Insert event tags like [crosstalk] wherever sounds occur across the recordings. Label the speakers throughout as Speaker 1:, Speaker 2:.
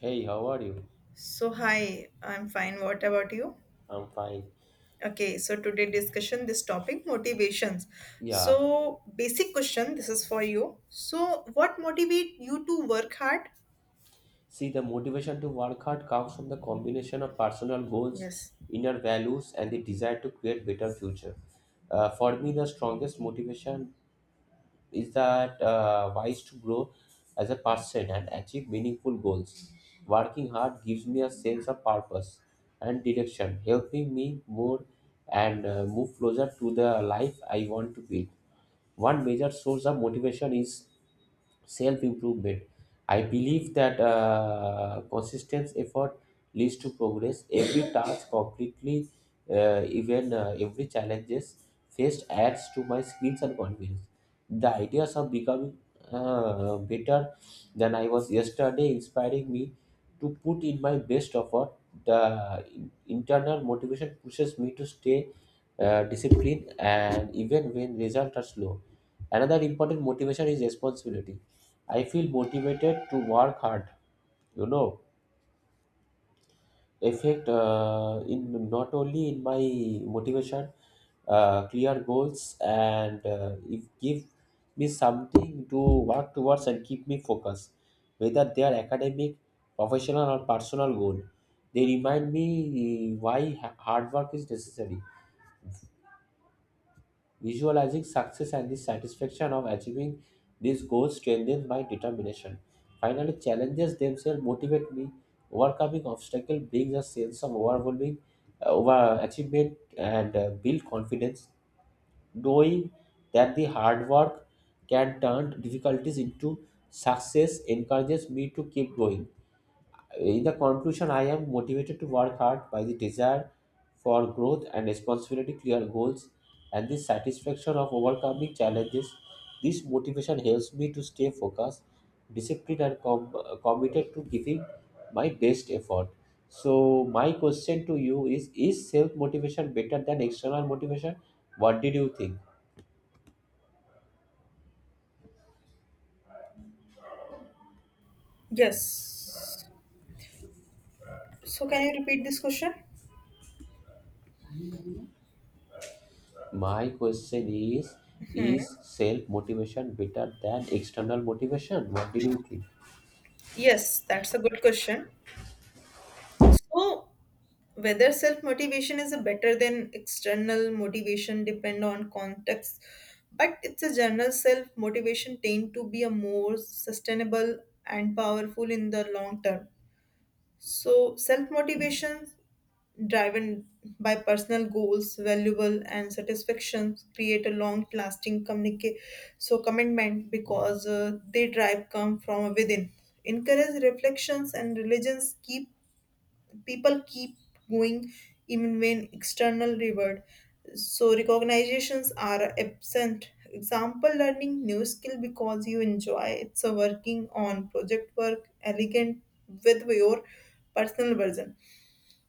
Speaker 1: Hey, how are you?
Speaker 2: So, hi, I'm fine. What about you?
Speaker 1: I'm fine.
Speaker 2: Okay, so today discussion this topic motivations.
Speaker 1: Yeah.
Speaker 2: So, basic question, this is for you. So, what motivate you to work hard?
Speaker 1: See, the motivation to work hard comes from the combination of personal goals,
Speaker 2: Yes.
Speaker 1: inner values, and the desire to create better future. For me, the strongest motivation is that wise to grow as a person and achieve meaningful goals. Working hard gives me a sense of purpose and direction, helping me more and move closer to the life I want to build. One major source of motivation is self-improvement. I believe that persistence effort leads to progress. Every task completely, even every challenges faced adds to my skills and confidence. The ideas of becoming better than I was yesterday inspiring me to put in my best effort. The internal motivation pushes me to stay disciplined and even when results are slow. Another important motivation is responsibility. I feel motivated to work hard. You know, effect in not only in my motivation, clear goals, and if give me something to work towards and keep me focused, whether they are academic, professional, or personal goal. They remind me why hard work is necessary. Visualizing success and the satisfaction of achieving these goals strengthens my determination. Finally, challenges themselves motivate me. Overcoming obstacles brings a sense of overwhelming over achievement and build confidence, knowing that the hard work can turn difficulties into success encourages me to keep going. In the conclusion, I am motivated to work hard by the desire for growth and responsibility, clear goals, and the satisfaction of overcoming challenges. This motivation helps me to stay focused, disciplined, and committed to giving my best effort. So, my question to you is self motivation better than external motivation? What did you think?
Speaker 2: Yes. So can you repeat this question?
Speaker 1: My question is self motivation better than external motivation? What did you think?
Speaker 2: Yes, that's a good question. So, whether self motivation is a better than external motivation depend on context, but it's a general self motivation tend to be a more sustainable and powerful in the long term. So, self motivation driven by personal goals, valuable and satisfactions create a long lasting commitment because they drive come from within. Encourage reflections and religions keep people keep going even when external reward. So recognitions are absent. Example learning new skill because you enjoy it's a working on project work elegant with your personal version,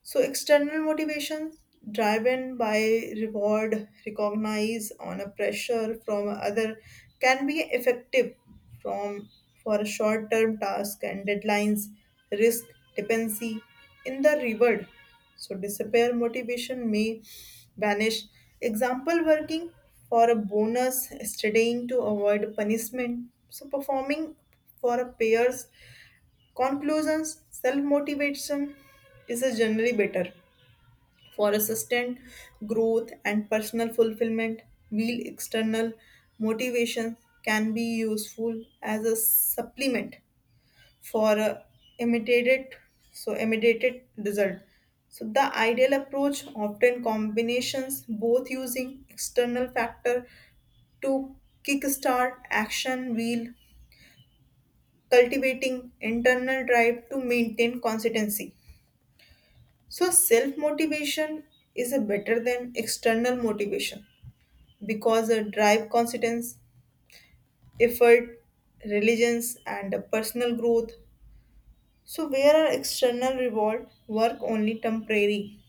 Speaker 2: so external motivations driven by reward, recognize on a pressure from other can be effective from for a short-term task and deadlines, risk, dependency in the reward. So disappear motivation may vanish. Example working for a bonus, studying to avoid punishment. So performing for a payers. Conclusions: self motivation is a generally better for a sustained growth and personal fulfillment, while external motivation can be useful as a supplement for a immediate immediate result. So the ideal approach often combinations both using external factor to kickstart action while cultivating internal drive to maintain consistency. So, self motivation is a better than external motivation because a drive consistence, effort, religions, and a personal growth. So, where our external reward work only temporary.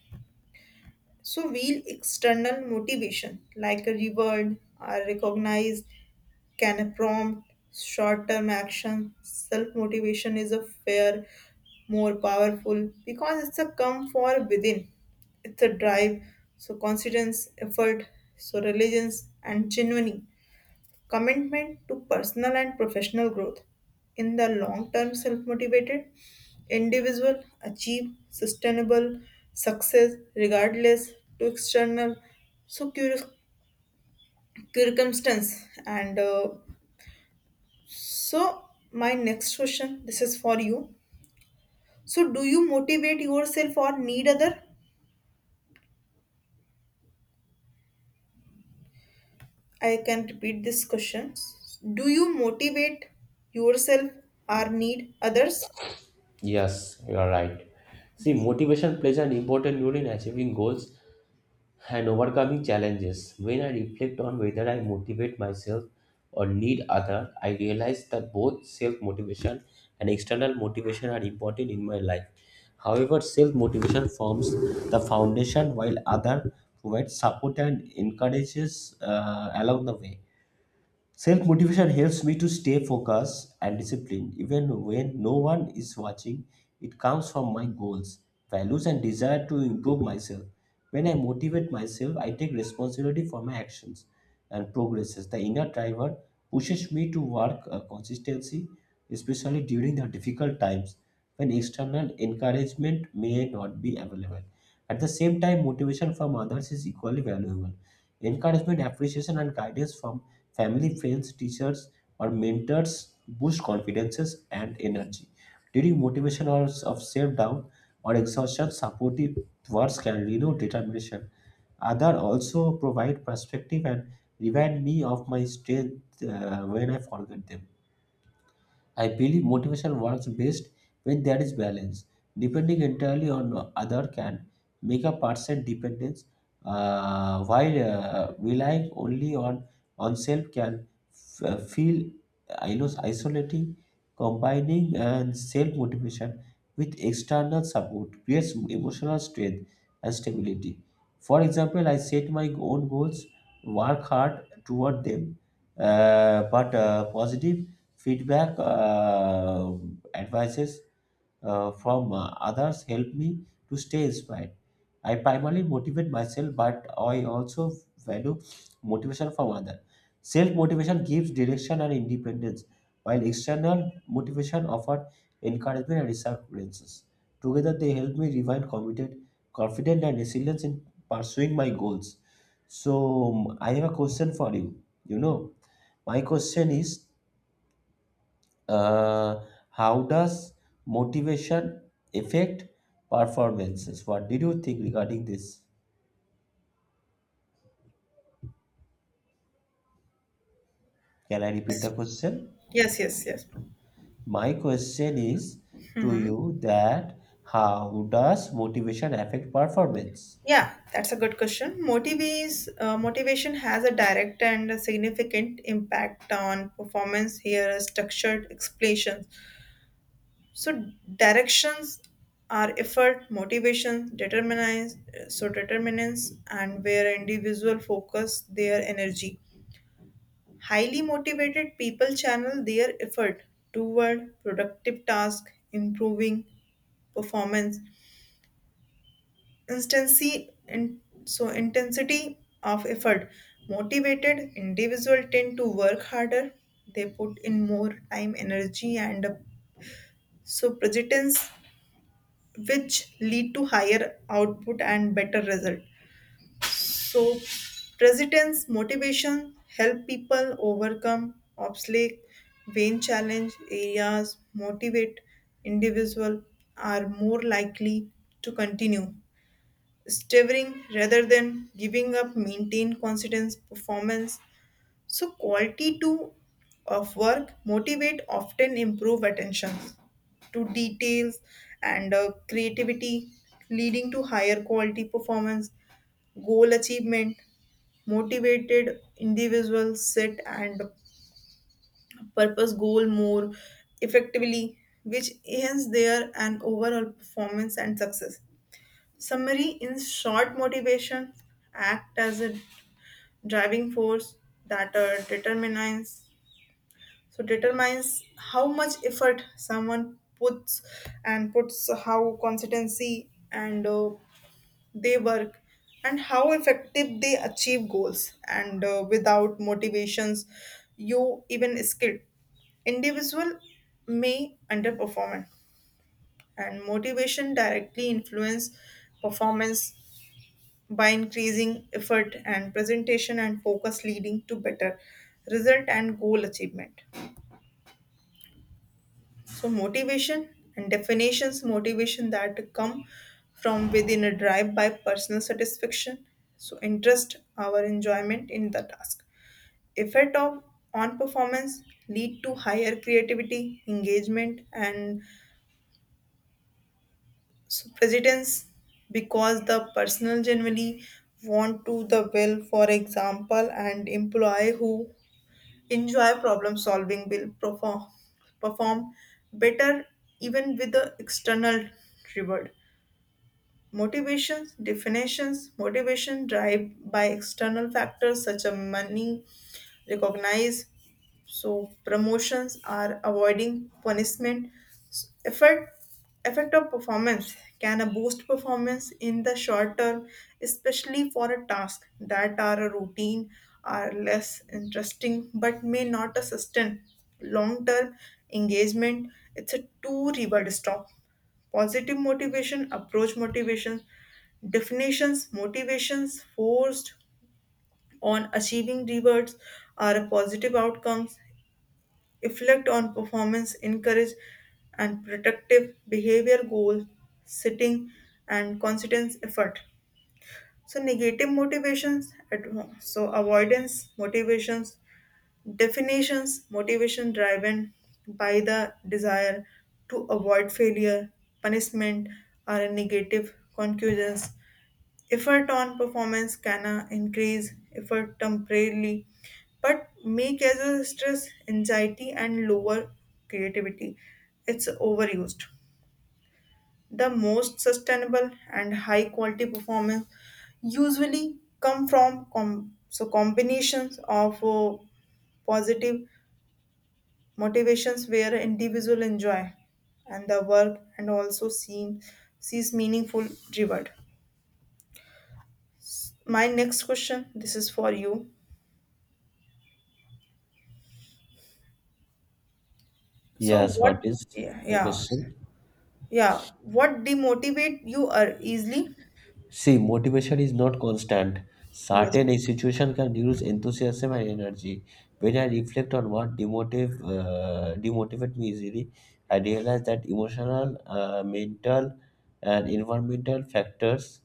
Speaker 2: So, we external motivation like a reward are recognized. Can a prompt, short term action, self motivation is a fair, more powerful because it's a come for within. It's a drive, so confidence, effort, so religions and genuine commitment to personal and professional growth. In the long term, self motivated individual achieve sustainable success regardless to external so cur- circumstance and so, my next question, this is for you. So, do you motivate yourself or need other? I can repeat this question. Do you motivate yourself or need others?
Speaker 1: Yes, you are right. See,
Speaker 2: Yes.
Speaker 1: motivation plays an important role in achieving goals and overcoming challenges. When I reflect on whether I motivate myself or need other, I realize that both self-motivation and external motivation are important in my life. However, self-motivation forms the foundation while other provides support and encourages along the way. Self motivation helps me to stay focused and disciplined even when no one is watching. It comes from my goals, values, and desire to improve myself. When I motivate myself, I take responsibility for my actions and progresses. The inner driver pushes me to work consistency, especially during the difficult times when external encouragement may not be available. At the same time, motivation from others is equally valuable. Encouragement, appreciation, and guidance from family, friends, teachers, or mentors boost confidences and energy. During motivation hours of self-doubt or exhaustion, supportive words can renew determination. Other also provide perspective and remind me of my strength when I forget them. I believe motivation works best when there is balance. Depending entirely on other can make a percent dependence, while relying only on self can feel, I know, isolating. Combining and self motivation with external support creates emotional strength and stability. For example, I set my own goals, work hard toward them, but positive feedback, advices from others help me to stay inspired. I primarily motivate myself, but I also value motivation from others. Self motivation gives direction and independence, while external motivation offers encouragement and reassurances. Together, they help me remain committed, confident, and resilient in pursuing my goals. So, I have a question for you. You know, my question is uh, how does motivation affect performances? What did you think regarding this? Can I repeat the question?
Speaker 2: Yes, yes, yes.
Speaker 1: My question is to
Speaker 2: Mhm.
Speaker 1: you that how does motivation affect performance?
Speaker 2: Yeah, that's a good question. Motivation has a direct and a significant impact on performance. Here, are structured explanations. So directions are effort motivation determinants and where individual focus their energy, highly motivated people channel their effort toward productive task improving performance instancy and so intensity of effort motivated individual tend to work harder. They put in more time energy and so persistence, which lead to higher output and better result. So president's motivation help people overcome obstacle vain challenge areas. Motivate individual are more likely to continue Stavering rather than giving up, maintain consistent performance, so quality too of work motivate often improve attention to details and creativity, leading to higher quality performance. Goal achievement motivated individuals set and purpose goal more effectively which enhance their and overall performance and success. Summary: in short, motivation act as a driving force that determines so determines how much effort someone puts how consistency and they work and how effective they achieve goals and without motivations you even skilled individual may underperform, and motivation directly influence performance by increasing effort and presentation and focus leading to better result and goal achievement. So motivation and definitions, motivation that come from within a drive by personal satisfaction. So interest, our enjoyment in the task. Effect of on performance lead to higher creativity, engagement, and so precedence because the personal generally want to the well, for example and employee who enjoy problem solving will perform better even with the external reward motivations. Definitions: motivation drive by external factors such as money recognize so promotions are avoiding punishment. Effect effect of performance can a boost performance in the short term, especially for a task that are a routine are less interesting but may not a sustain long term engagement. It's a two reward stop. Positive motivation, approach motivation, definitions, motivations forced on achieving rewards are positive outcomes, reflect on performance, encourage and protective behavior goal, sitting and consistent effort. So negative motivations, so avoidance motivations, definitions, motivation driven by the desire to avoid failure, punishment, or a negative conclusions. Effort on performance can increase effort temporarily, but may cause stress, anxiety, and lower creativity. It's overused. The most sustainable and high quality performance usually come from combinations of positive motivations where individual enjoy and the work and also seem sees meaningful reward. My next question, this is for you. So
Speaker 1: Yes, what
Speaker 2: what?
Speaker 1: is
Speaker 2: Yeah,
Speaker 1: the
Speaker 2: yeah,
Speaker 1: question?
Speaker 2: yeah. What demotivate you are easily?
Speaker 1: See, motivation is not constant.
Speaker 2: Yes,
Speaker 1: Certain situation can reduce enthusiasm and energy. When I reflect on what demotivate me easily, I realize that emotional, mental, and environmental factors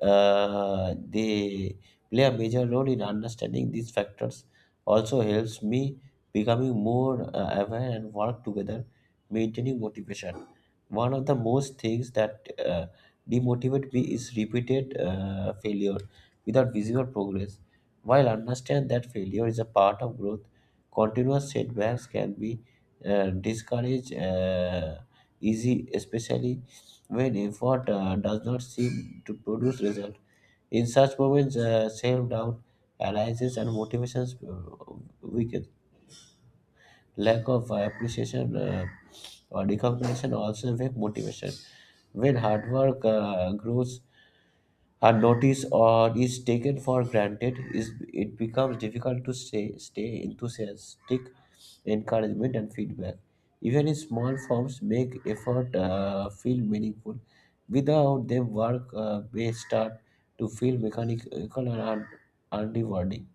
Speaker 1: they play a major role in understanding these factors. Also helps me becoming more aware and work together, maintaining motivation. One of the most things that demotivate me is repeated failure without visible progress. While understand that failure is a part of growth, continuous setbacks can be discouraged easy, especially when effort does not seem to produce result. In such moments, self doubt arises and motivations weakens. Lack of appreciation or recognition also affect motivation. When hard work grows unnoticed or is taken for granted, is it becomes difficult to stay enthusiastic, encouragement, and feedback. Even in small forms, make effort feel meaningful. Without them, work may start to feel mechanical and unrewarding.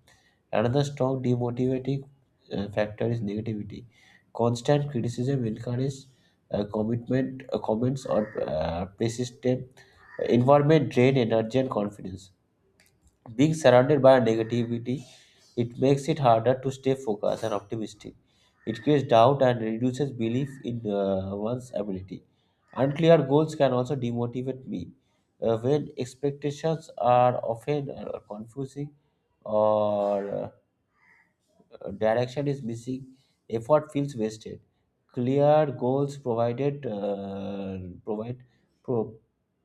Speaker 1: Another strong demotivating factor is negativity. Constant criticism encourages commitment, comments or persistent environment drain energy and confidence. Being surrounded by negativity, it makes it harder to stay focused and optimistic. It creates doubt and reduces belief in one's ability. Unclear goals can also demotivate me. When expectations are often confusing or direction is missing, effort feels wasted. Clear goals provide pro,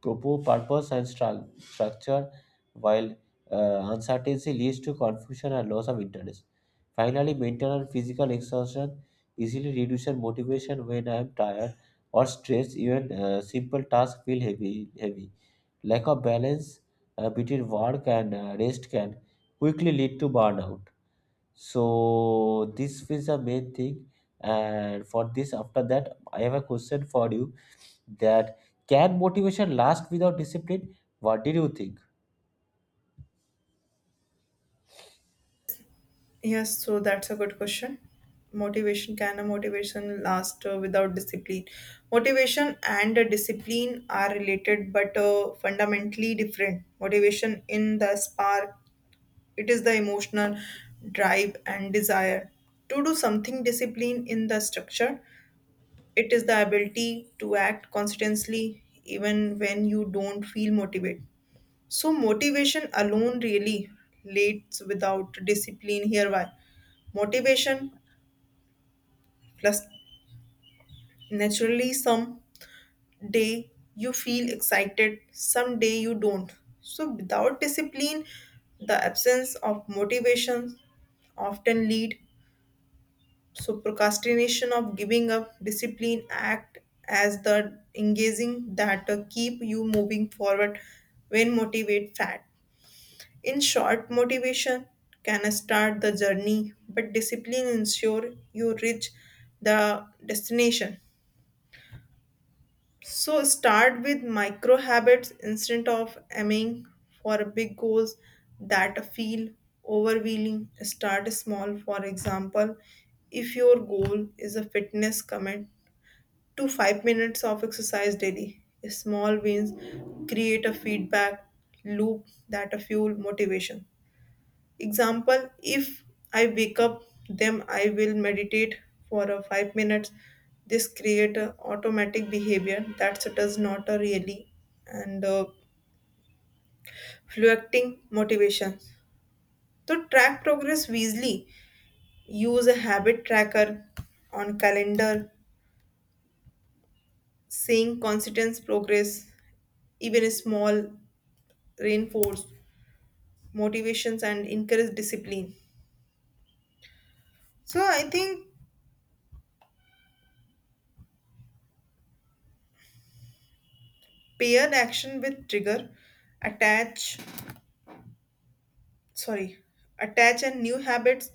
Speaker 1: proper purpose and structure, while uncertainty leads to confusion and loss of interest. Finally, mental and physical exhaustion easily reduces motivation when I am tired or stressed. Even simple tasks feel heavy. Heavy lack of balance between work and rest can quickly lead to burnout. So this is the main thing. And for this, after that, I have a question for you that can motivation last without discipline? What did you think?
Speaker 2: yes. So that's a good question. Motivation can a motivation last without discipline? Motivation and discipline are related, but fundamentally different. Motivation in the spark, it is the emotional drive and desire to do something. Discipline in the structure, it is the ability to act consistently even when you don't feel motivated. So motivation alone really leads without discipline, here why motivation plus naturally some day you feel excited some day you don't, so without discipline the absence of motivation often lead so procrastination of giving up, discipline act as the engaging that keep you moving forward when motivate fat. In short, motivation can start the journey, but discipline ensure you reach the destination. So start with micro habits instead of aiming for big goals that feel overwhelming. Start small. For example, if your goal is a fitness commit to 5 minutes of exercise daily, small wins create a feedback loop that fuel motivation. Example, if I wake up them I will meditate for a 5 minutes. This create a automatic behavior that does not a really and fluctuating motivation. To track progress easily, use a habit tracker on calendar, seeing consistent progress, even a small reinforce motivations and encourage discipline. So I think pair action with trigger, attach sorry attach a new habits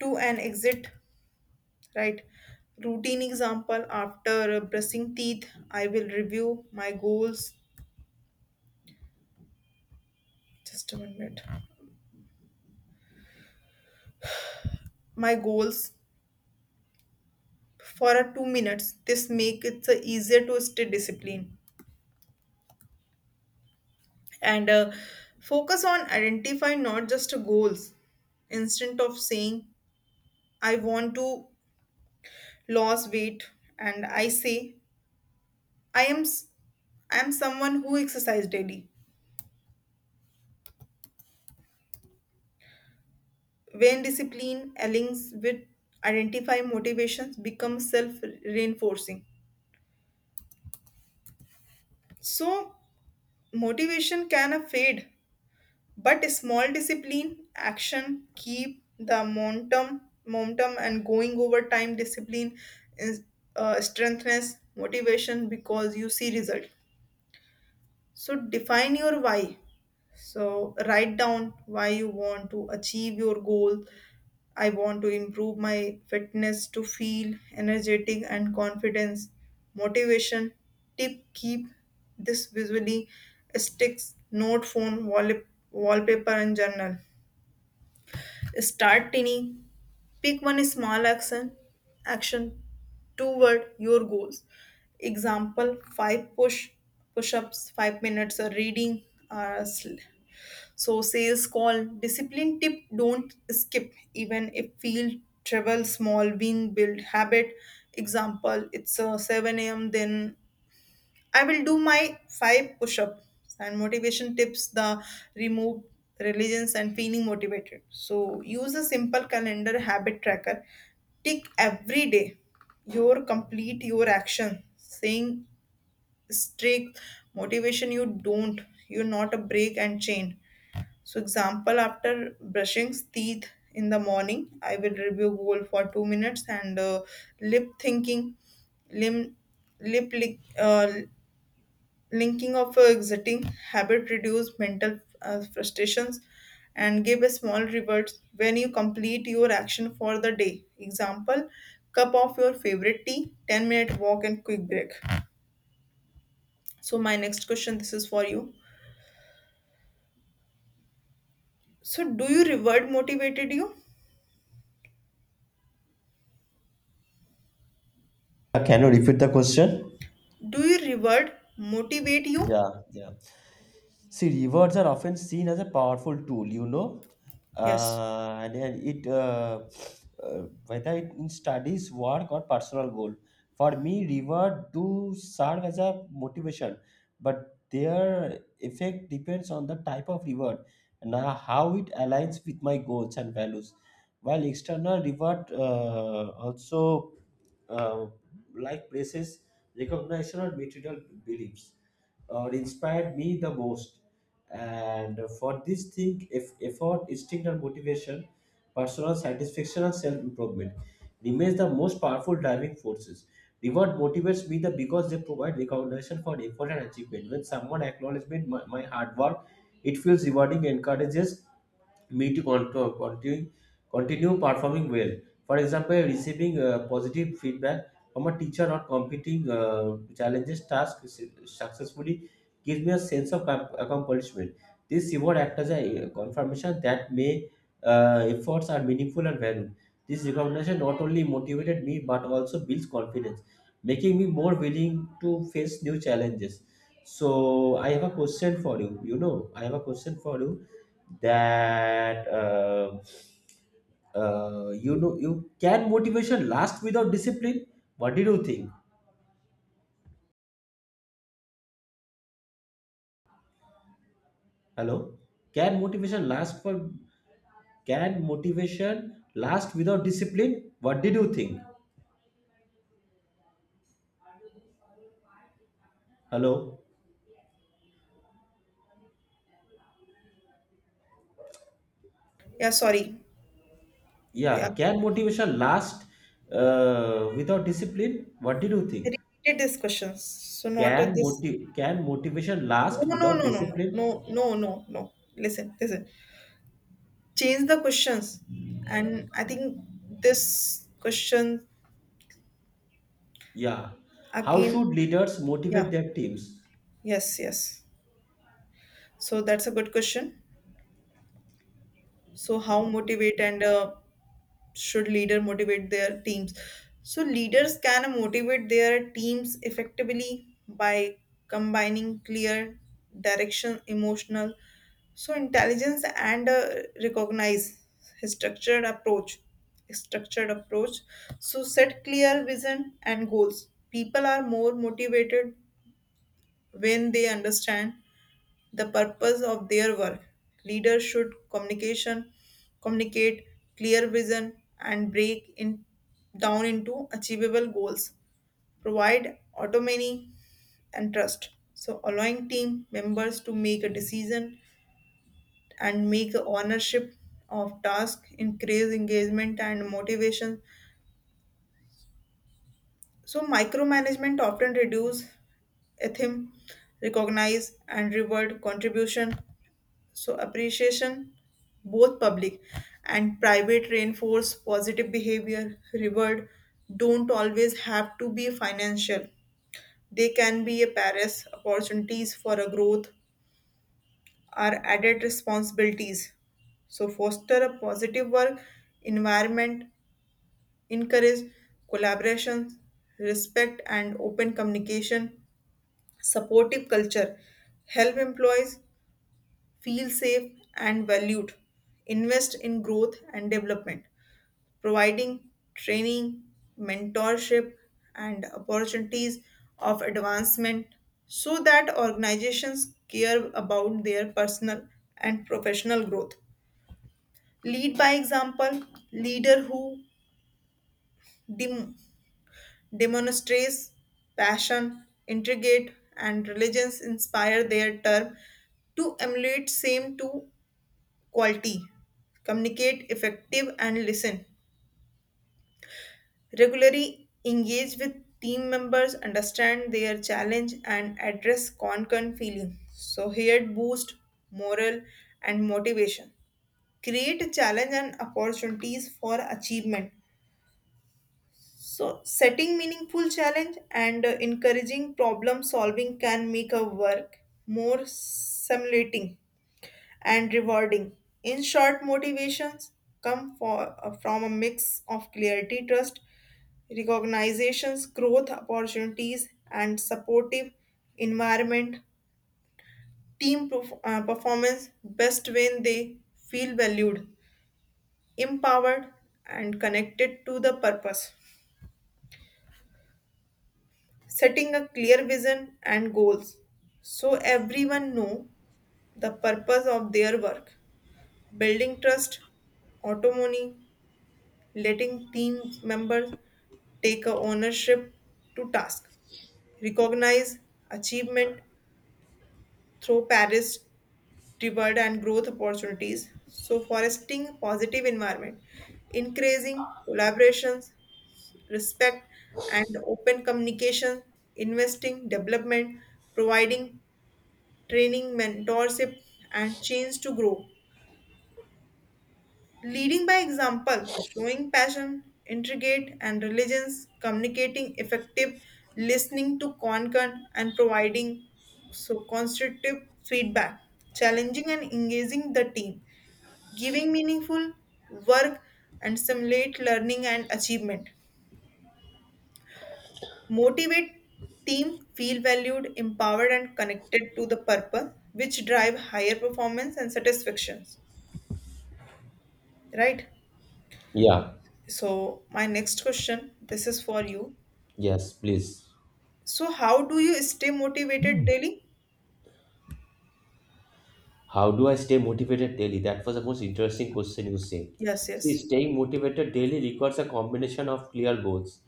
Speaker 2: to an exit right routine, example after brushing teeth I will review my goals, just a minute, my goals for a 2 minutes. This make it easier to stay disciplined and focus on identify not just goals. Instead of saying I want to lose weight and I say i am s- I am someone who exercise daily. When discipline aligns with identify motivations becomes self-reinforcing. So motivation can fade, but small discipline action keep the momentum and going over time. Discipline is strengthens motivation because you see result. So define your why. So write down why you want to achieve your goal. I want to improve my fitness to feel energetic and confidence, motivation. Tip: keep this visually sticks, note phone, wall, wallpaper, and journal. Start tiny. Pick one small action toward your goals. Example: five push-ups, 5 minutes of reading. Uh, sl- so sales call discipline tip: don't skip even if feel travel small win build habit. Example: it's 7 a.m. Then I will do my five push ups and motivation tips the remove religions and feeling motivated. So use a simple calendar habit tracker. Tick every day your complete your action saying strict motivation you don't you're not a break and chain, so example after brushing teeth in the morning I will review goal for 2 minutes and lip thinking lim lip lick, linking of a exiting habit reduce mental frustrations and give a small reward when you complete your action for the day, example cup of your favorite tea 10-minute walk and quick break. So my next question, this is for you. So do you reward motivated you?
Speaker 1: Can you repeat the question?
Speaker 2: Do you reward motivate you?
Speaker 1: Yeah, yeah. See, rewards are often seen as a powerful tool, you know,
Speaker 2: Yes.
Speaker 1: and then it whether it in studies, work, or personal goal. For me, reward do serve as a motivation, but their effect depends on the type of reward and how it aligns with my goals and values. While external reward also uh, like places, recognition, or material beliefs, or inspired me the most. And for this thing, if effort, instinct, and motivation, personal satisfaction, and self improvement remains the most powerful driving forces. Reward motivates me the because they provide recognition for effort and achievement. When someone acknowledges my hard work, it feels rewarding, encourages me to continue performing well. For example, receiving positive feedback from a teacher or completing challenges tasks successfully gives me a sense of accomplishment. This reward acts as a confirmation that my efforts are meaningful and valued. This recognition not only motivated me but also builds confidence, making me more willing to face new challenges. So I have a question for you. You know, I have a question for you that you know you can motivation last without discipline, what did you think? Hello. Can motivation last for, can motivation last without discipline, what did you think? Hello.
Speaker 2: Yeah sorry yeah,
Speaker 1: Yeah, can motivation last without discipline, what did you think?
Speaker 2: repeated these questions so not of this.
Speaker 1: Can motivation last
Speaker 2: No,
Speaker 1: without
Speaker 2: no, no, no, no,
Speaker 1: discipline?
Speaker 2: no, no, no, no. Listen, listen, change the questions and I think this question
Speaker 1: Yeah, how
Speaker 2: again.
Speaker 1: should leaders
Speaker 2: Yeah,
Speaker 1: motivate their teams?
Speaker 2: yes, yes. So that's a good question. So how motivate and should leader motivate their teams. So leaders can motivate their teams effectively by combining clear direction emotional so intelligence and recognize structured approach structured approach so set clear vision and goals, people are more motivated when they understand the purpose of their work. Leaders should communicate clear vision and break in down into achievable goals. Provide autonomy and trust. So allowing team members to make a decision and make a ownership of task, increase engagement and motivation. So micromanagement often reduce ethic, recognize and reward contribution. So appreciation, both public and private, reinforce positive behavior. Reward don't always have to be financial. They can be a Paris opportunities for a growth or added responsibilities. So foster a positive work environment, encourage collaboration, respect and open communication, supportive culture, help employees feel safe and valued, invest in growth and development, providing training, mentorship, and opportunities of advancement so that organizations care about their personal and professional growth. Lead by example, leader who dem- demonstrates passion, intrigate, and diligence inspire their term to emulate same to quality. Communicate effective and listen. Regularly engage with team members, understand their challenge and address concern feeling. So here it boost morale and motivation. Create challenge and opportunities for achievement. So, setting meaningful challenge and encouraging problem solving can make a work more stimulating and rewarding. In short, motivations from a mix of clarity, trust, recognitions, growth opportunities, and supportive environment. Team performance best when they feel valued, empowered, and connected to the purpose. Setting a clear vision and goals so everyone know the purpose of their work, building trust autonomy, letting team members take a ownership to task, recognize achievement through paris reward and growth opportunities, so fostering positive environment, increasing collaborations, respect and open communication, investing development, providing training, mentorship, and change to grow. Leading by example, showing passion, intricate and diligence, communicating effective, listening to conquer, and providing so constructive feedback, challenging and engaging the team, giving meaningful work and stimulate learning and achievement. Motivate team feel valued, empowered and connected to the purpose which drive higher performance and satisfactions. Right?
Speaker 1: Yeah,
Speaker 2: So, my next question, this is for you.
Speaker 1: yes, please.
Speaker 2: So, how do you stay motivated daily?
Speaker 1: How do I stay motivated daily? That was the most interesting question you said.
Speaker 2: Yes,
Speaker 1: See,
Speaker 2: yes,
Speaker 1: staying motivated daily requires a combination of clear goals,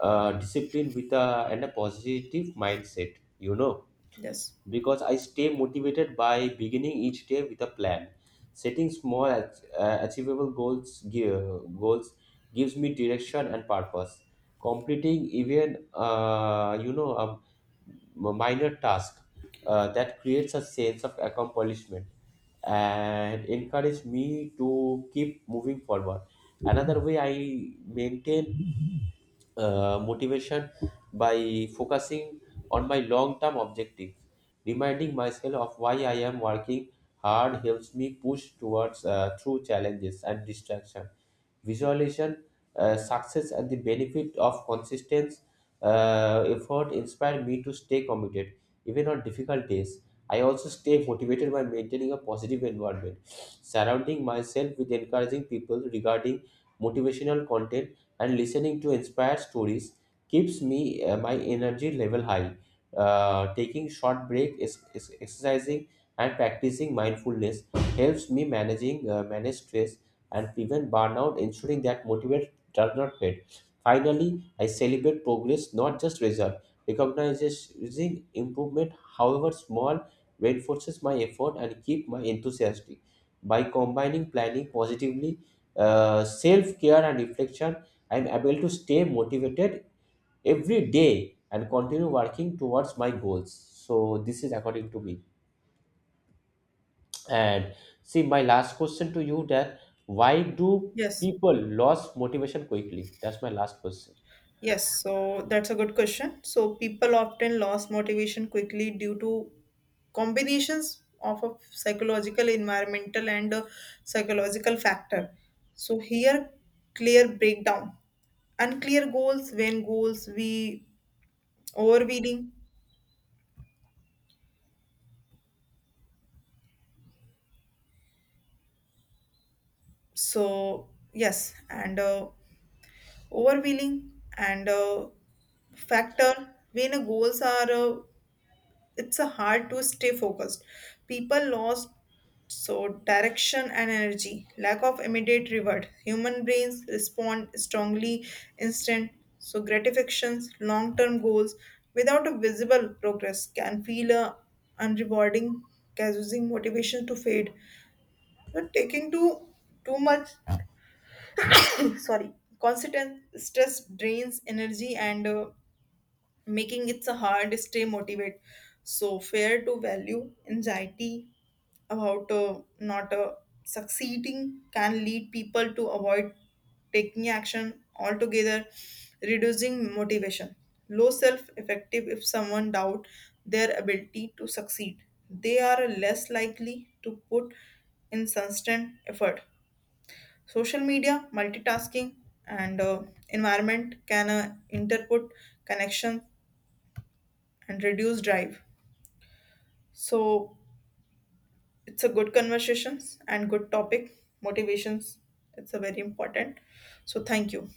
Speaker 1: discipline with and a positive mindset, you know,
Speaker 2: yes,
Speaker 1: because I stay motivated by beginning each day with a plan. Setting small, achievable goals gives me direction and purpose. Completing even, you know, a minor task that creates a sense of accomplishment and encourage me to keep moving forward. Another way I maintain motivation by focusing on my long term objectives. Reminding myself of why I am working hard helps me push towards through challenges and distraction visualization, success, and the benefit of consistent effort inspire me to stay committed, even on difficult days. I also stay motivated by maintaining a positive environment, surrounding myself with encouraging people regarding motivational content, and listening to inspired stories keeps me my energy level high. Taking short break is exercising and practicing mindfulness helps me managing manage stress and prevent burnout, ensuring that motivate does not fade. Finally, I celebrate progress, not just result. Recognizing improvement, however small, reinforces my effort and keep my enthusiasm. By combining planning positively, self-care and reflection, I am able to stay motivated every day and continue working towards my goals. So this is according to me. And see, my last question to you that why do
Speaker 2: yes,
Speaker 1: people lose motivation quickly? That's my last question.
Speaker 2: yes. So, that's a good question. So, people often lose motivation quickly due to combinations of a psychological, environmental, and a psychological factor. So, here, clear breakdown, unclear goals, when goals, we overwhelming. So, yes, and overwhelming and factor when goals are it's a hard to stay focused, people lost so direction and energy, lack of immediate reward, human brains respond strongly instant so gratifications long term goals without a visible progress can feel unrewarding, causing motivation to fade. So taking too much [coughs] sorry, constant stress drains energy and making it so hard to stay motivated, so fair to value anxiety about not succeeding can lead people to avoid taking action altogether, reducing motivation, low self effective, if someone doubt their ability to succeed they are less likely to put in constant effort, social media multitasking and environment can interput connection and reduce drive. So it's a good conversations and good topic motivations, it's a very important. So thank you.